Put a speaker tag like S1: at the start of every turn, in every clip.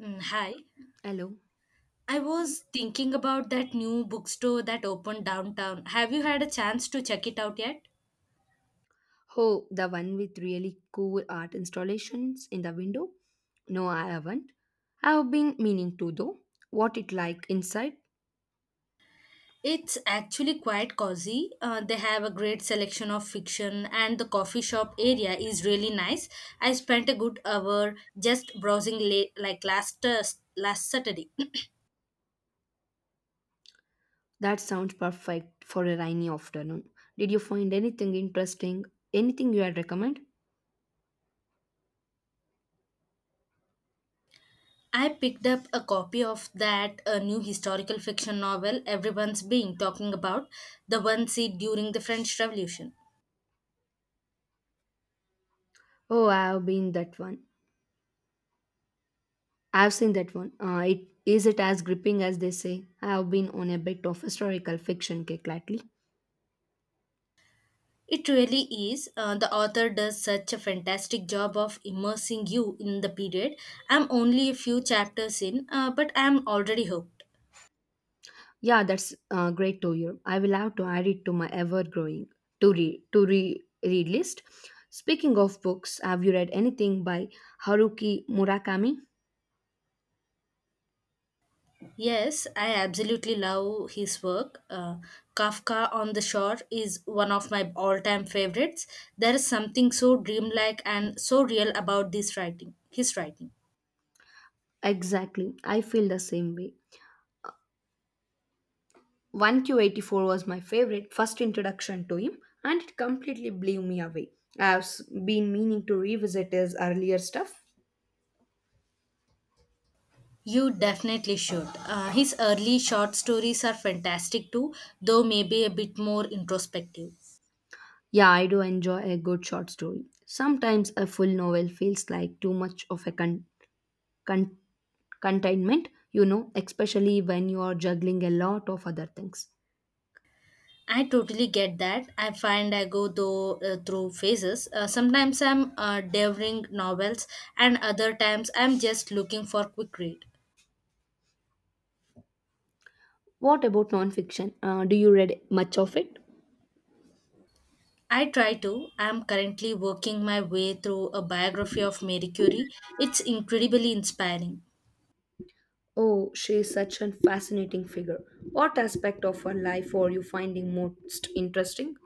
S1: Mm, hi.
S2: Hello.
S1: I was thinking about that new bookstore that opened downtown. Have you had a chance to check it out yet?
S2: Oh, the one with really cool art installations in the window? No, I haven't. I have been meaning to though. What it like inside?
S1: It's actually quite cozy. They have a great selection of fiction, and the coffee shop area is really nice. I spent a good hour just browsing late, like last Saturday.
S2: That sounds perfect for a rainy afternoon. Did you find anything interesting? Anything you would recommend?
S1: I picked up a copy of that new historical fiction novel everyone's been talking about, the one set during the French Revolution.
S2: Oh, I have been that one. I have seen that one. It is it as gripping as they say? I have been on a bit of historical fiction kick lately.
S1: It really is. The author does such a fantastic job of immersing you in the period. I'm only a few chapters in, but I'm already hooked.
S2: Yeah, that's great to hear. I will have to add it to my ever-growing to read read list. Speaking of books, have you read anything by Haruki Murakami?
S1: Yes, I absolutely love his work. Kafka on the Shore is one of my all time favorites. There is something so dreamlike and so real about his writing.
S2: Exactly, I feel the same way. 1Q84 was my favorite first introduction to him, and it completely blew me away. I've been meaning to revisit his earlier stuff.
S1: You definitely should. His early short stories are fantastic too, though maybe a bit more introspective.
S2: Yeah, I do enjoy a good short story. Sometimes a full novel feels like too much of a containment, especially when you are juggling a lot of other things.
S1: I totally get that. I find I go though through phases. Sometimes I'm devouring novels, and other times I'm just looking for quick read.
S2: What about nonfiction? Do you read much of it?
S1: I try to. I'm currently working my way through a biography of Marie Curie. It's incredibly inspiring.
S2: Oh, she is such a fascinating figure. What aspect of her life are you finding most interesting?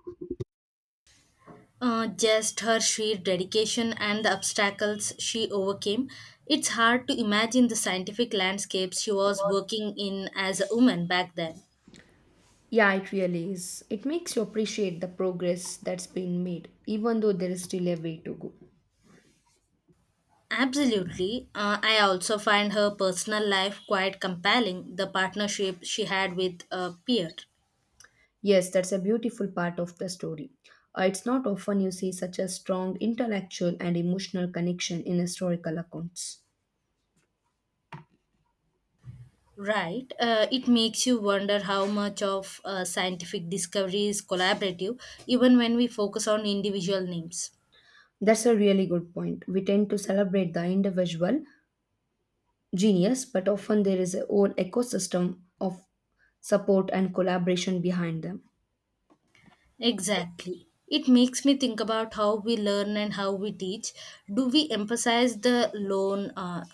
S1: Just her sheer dedication and the obstacles she overcame. It's hard to imagine the scientific landscapes she was working in as a woman back then.
S2: Yeah, it really is. It makes you appreciate the progress that's been made, even though there is still a way to go.
S1: Absolutely. I also find her personal life quite compelling, the partnership she had with a peer.
S2: Yes, that's a beautiful part of the story. It's not often you see such a strong intellectual and emotional connection in historical accounts.
S1: Right. It makes you wonder how much of scientific discovery is collaborative, even when we focus on individual names.
S2: That's a really good point. We tend to celebrate the individual genius, but often there is a whole ecosystem of support and collaboration behind them.
S1: Exactly. It makes me think about how we learn and how we teach. Do we emphasize the lone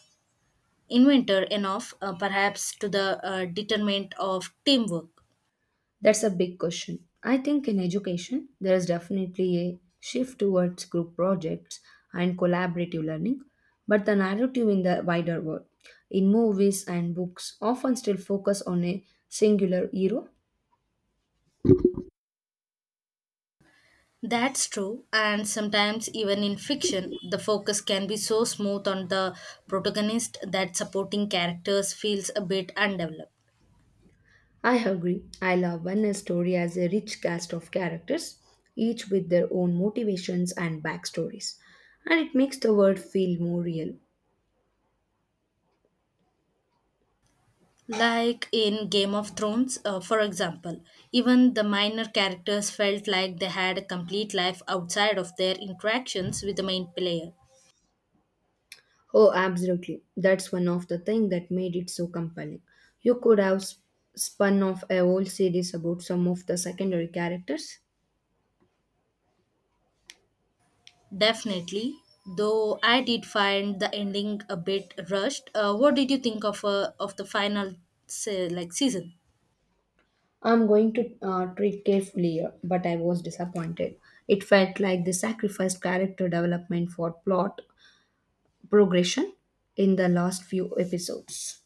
S1: inventor enough, perhaps to the detriment of teamwork?
S2: That's a big question. I think in education, there is definitely a shift towards group projects and collaborative learning, but the narrative in the wider world, in movies and books, often still focus on a singular hero.
S1: That's true, and sometimes even in fiction, the focus can be so smooth on the protagonist that supporting characters feels a bit undeveloped.
S2: I agree. I love when a story has a rich cast of characters, each with their own motivations and backstories, and it makes the world feel more real.
S1: Like in Game of Thrones, for example, even the minor characters felt like they had a complete life outside of their interactions with the main player.
S2: Oh, absolutely. That's one of the things that made it so compelling. You could have spun off a whole series about some of the secondary characters.
S1: Definitely, though I did find the ending a bit rushed. What did you think of the final season?
S2: I'm going to treat carefully, here, but I was disappointed. It felt like they sacrificed character development for plot progression in the last few episodes.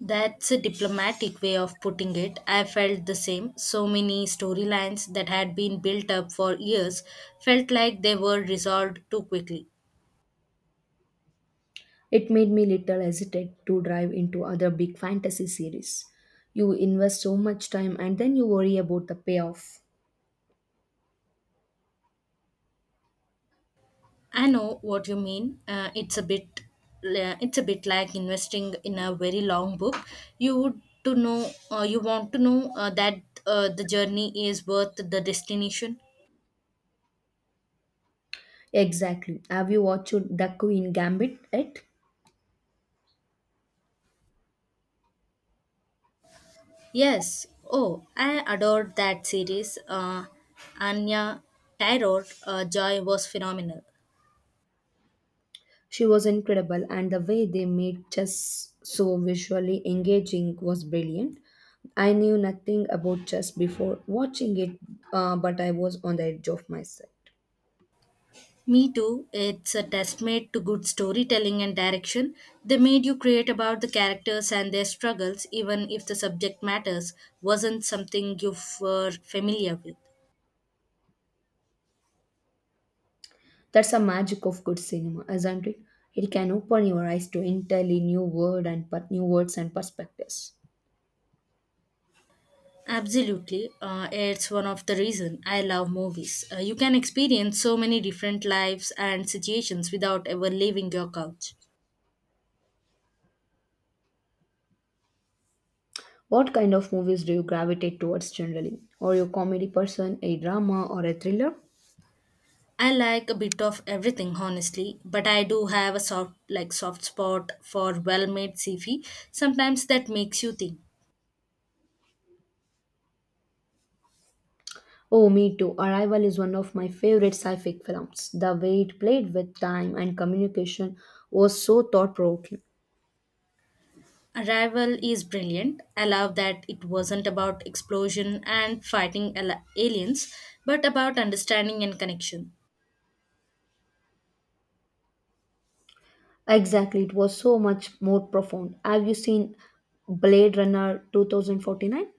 S1: That's a diplomatic way of putting it. I felt the same. So many storylines that had been built up for years felt like they were resolved too quickly.
S2: It made me little hesitate to dive into other big fantasy series. You invest so much time and then you worry about the payoff.
S1: I know what you mean. It's a bit it's a bit like investing in a very long book. You would to know you want to know that the journey is worth the destination.
S2: Exactly. Have you watched The Queen Gambit yet?
S1: Yes. Oh, I adored that series. Anya Tyror Joy was phenomenal.
S2: She was incredible, and the way they made chess so visually engaging was brilliant. I knew nothing about chess before watching it, but I was on the edge of my seat.
S1: Me too. It's a testament to good storytelling and direction. They made you create about the characters and their struggles, even if the subject matters wasn't something you were familiar with.
S2: That's the magic of good cinema, isn't it? It can open your eyes to entirely new world and new words and perspectives.
S1: Absolutely. It's one of the reason I love movies. You can experience so many different lives and situations without ever leaving your couch.
S2: What kind of movies do you gravitate towards generally? Are you a comedy person, a drama, or a thriller?
S1: I like a bit of everything honestly, but I do have a soft spot for well-made sci-fi. Sometimes that makes you think.
S2: Oh, me too. Arrival is one of my favorite sci-fi films. The way it played with time and communication was so thought-provoking.
S1: Arrival is brilliant. I love that it wasn't about explosion and fighting aliens, but about understanding and connection.
S2: Exactly, it was so much more profound. Have you seen Blade Runner 2049?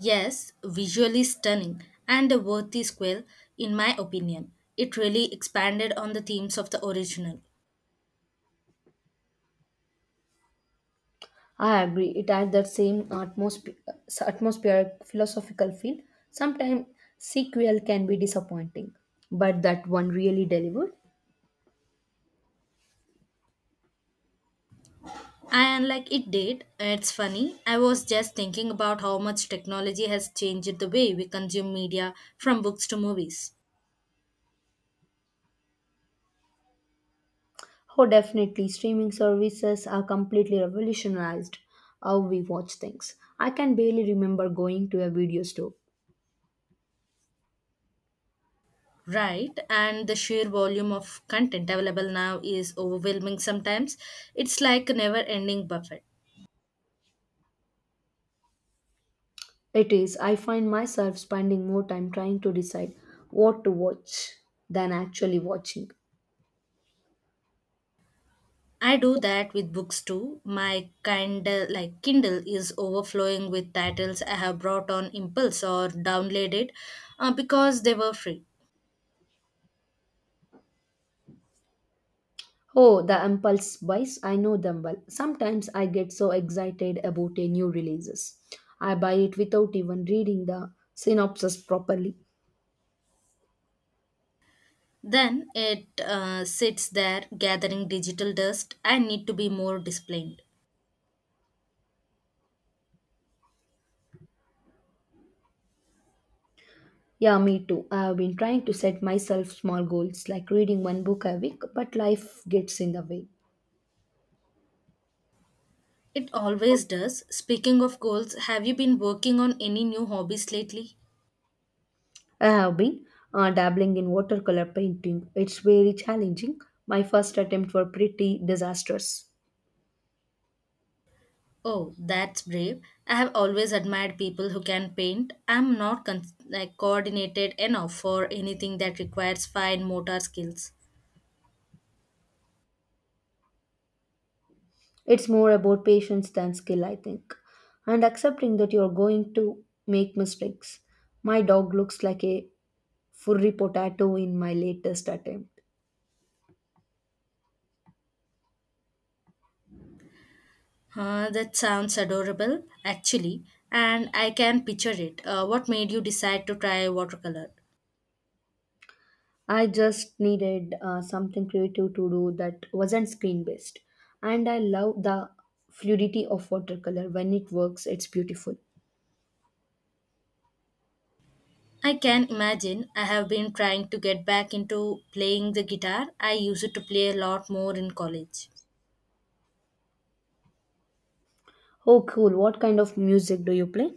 S1: Yes, visually stunning and a worthy sequel, in my opinion. It really expanded on the themes of the original.
S2: I agree. It had that same atmospheric philosophical feel. Sometimes sequel can be disappointing, but that one really delivered.
S1: And like it did, it's funny. I was just thinking about how much technology has changed the way we consume media from books to movies.
S2: Oh, definitely. Streaming services are completely revolutionized how we watch things. I can barely remember going to a video store.
S1: Right, and the sheer volume of content available now is overwhelming sometimes. It's like a never ending buffet.
S2: It is, I find myself spending more time trying to decide what to watch than actually watching.
S1: I do that with books too. My Kindle is overflowing with titles I have brought on impulse or downloaded because they were free.
S2: Oh, the impulse buys, I know them well. Sometimes I get so excited about a new releases. I buy it without even reading the synopsis properly.
S1: Then it sits there gathering digital dust. I need to be more disciplined.
S2: Yeah, me too. I have been trying to set myself small goals like reading one book a week, but life gets in the way.
S1: It always does. Speaking of goals, have you been working on any new hobbies lately?
S2: I have been dabbling in watercolor painting. It's very challenging. My first attempt were pretty disastrous.
S1: Oh, that's brave. I have always admired people who can paint. I'm not coordinated enough for anything that requires fine motor skills.
S2: It's more about patience than skill, I think, and accepting that you're going to make mistakes. My dog looks like a furry potato in my latest attempt.
S1: Huh, that sounds adorable, actually, and I can picture it. What made you decide to try watercolor?
S2: I just needed something creative to do that wasn't screen based. And I love the fluidity of watercolor. When it works, it's beautiful.
S1: I can imagine. I have been trying to get back into playing the guitar. I used to play a lot more in college.
S2: Oh, cool. What kind of music do you play?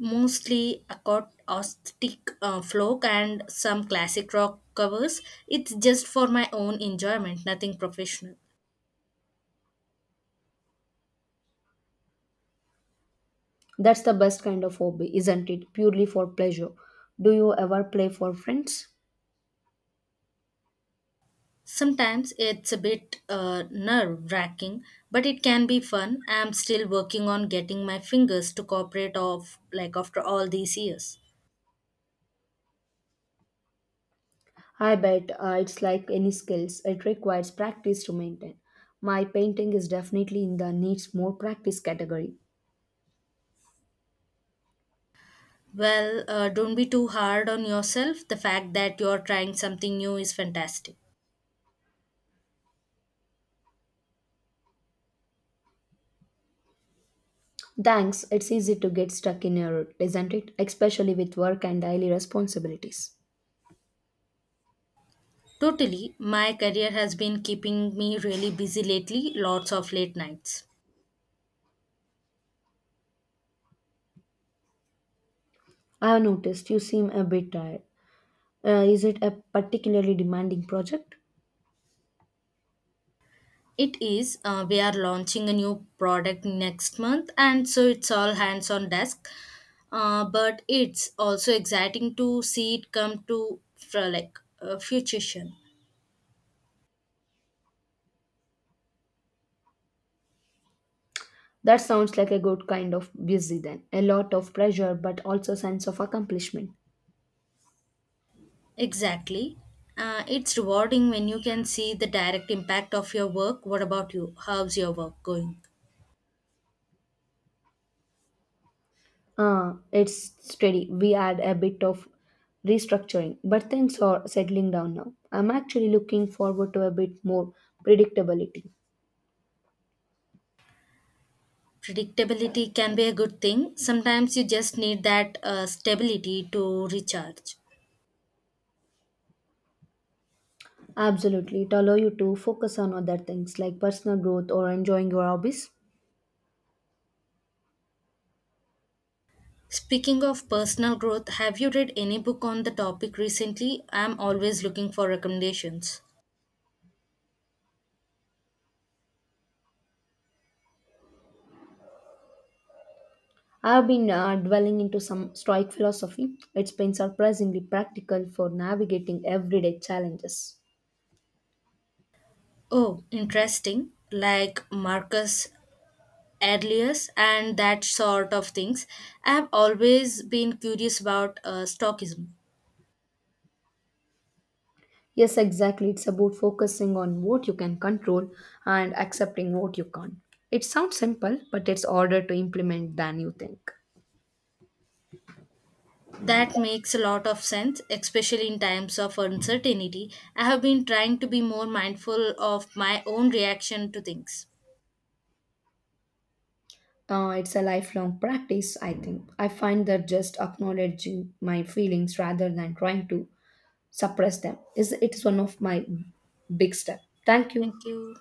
S1: Mostly acoustic folk and some classic rock covers. It's just for my own enjoyment, nothing professional.
S2: That's the best kind of hobby, isn't it? Purely for pleasure. Do you ever play for friends?
S1: Sometimes it's a bit nerve wracking, but it can be fun. I'm still working on getting my fingers to cooperate off, like after all these years.
S2: I bet it's like any skills, it requires practice to maintain. My painting is definitely in the needs more practice category.
S1: Well, don't be too hard on yourself. The fact that you're trying something new is fantastic.
S2: Thanks, it's easy to get stuck in your rut, isn't it? Especially with work and daily responsibilities.
S1: Totally, my career has been keeping me really busy lately, lots of late nights.
S2: I have noticed you seem a bit tired. Is it a particularly demanding project?
S1: It is. We are launching a new product next month, and so it's all hands on desk. But it's also exciting to see it come to fruition.
S2: That sounds like a good kind of busy then. A lot of pressure, but also sense of accomplishment.
S1: Exactly. It's rewarding when you can see the direct impact of your work. What about you? How's your work going?
S2: It's steady. We had a bit of restructuring, but things are settling down now. I'm actually looking forward to a bit more predictability.
S1: Predictability can be a good thing. Sometimes you just need that stability to recharge.
S2: Absolutely. It allows you to focus on other things like personal growth or enjoying your hobbies.
S1: Speaking of personal growth, have you read any book on the topic recently? I'm always looking for recommendations.
S2: I've been dwelling into some stoic philosophy. It's been surprisingly practical for navigating everyday challenges.
S1: Oh, interesting. Like Marcus Aurelius and that sort of things. I've always been curious about Stoicism.
S2: Yes, exactly. It's about focusing on what you can control and accepting what you can't. It sounds simple, but it's harder to implement than you think.
S1: That makes a lot of sense, especially in times of uncertainty. I have been trying to be more mindful of my own reaction to things.
S2: It's a lifelong practice, I think. I find that just acknowledging my feelings rather than trying to suppress them is one of my big step. Thank
S1: Thank
S2: you.
S1: you.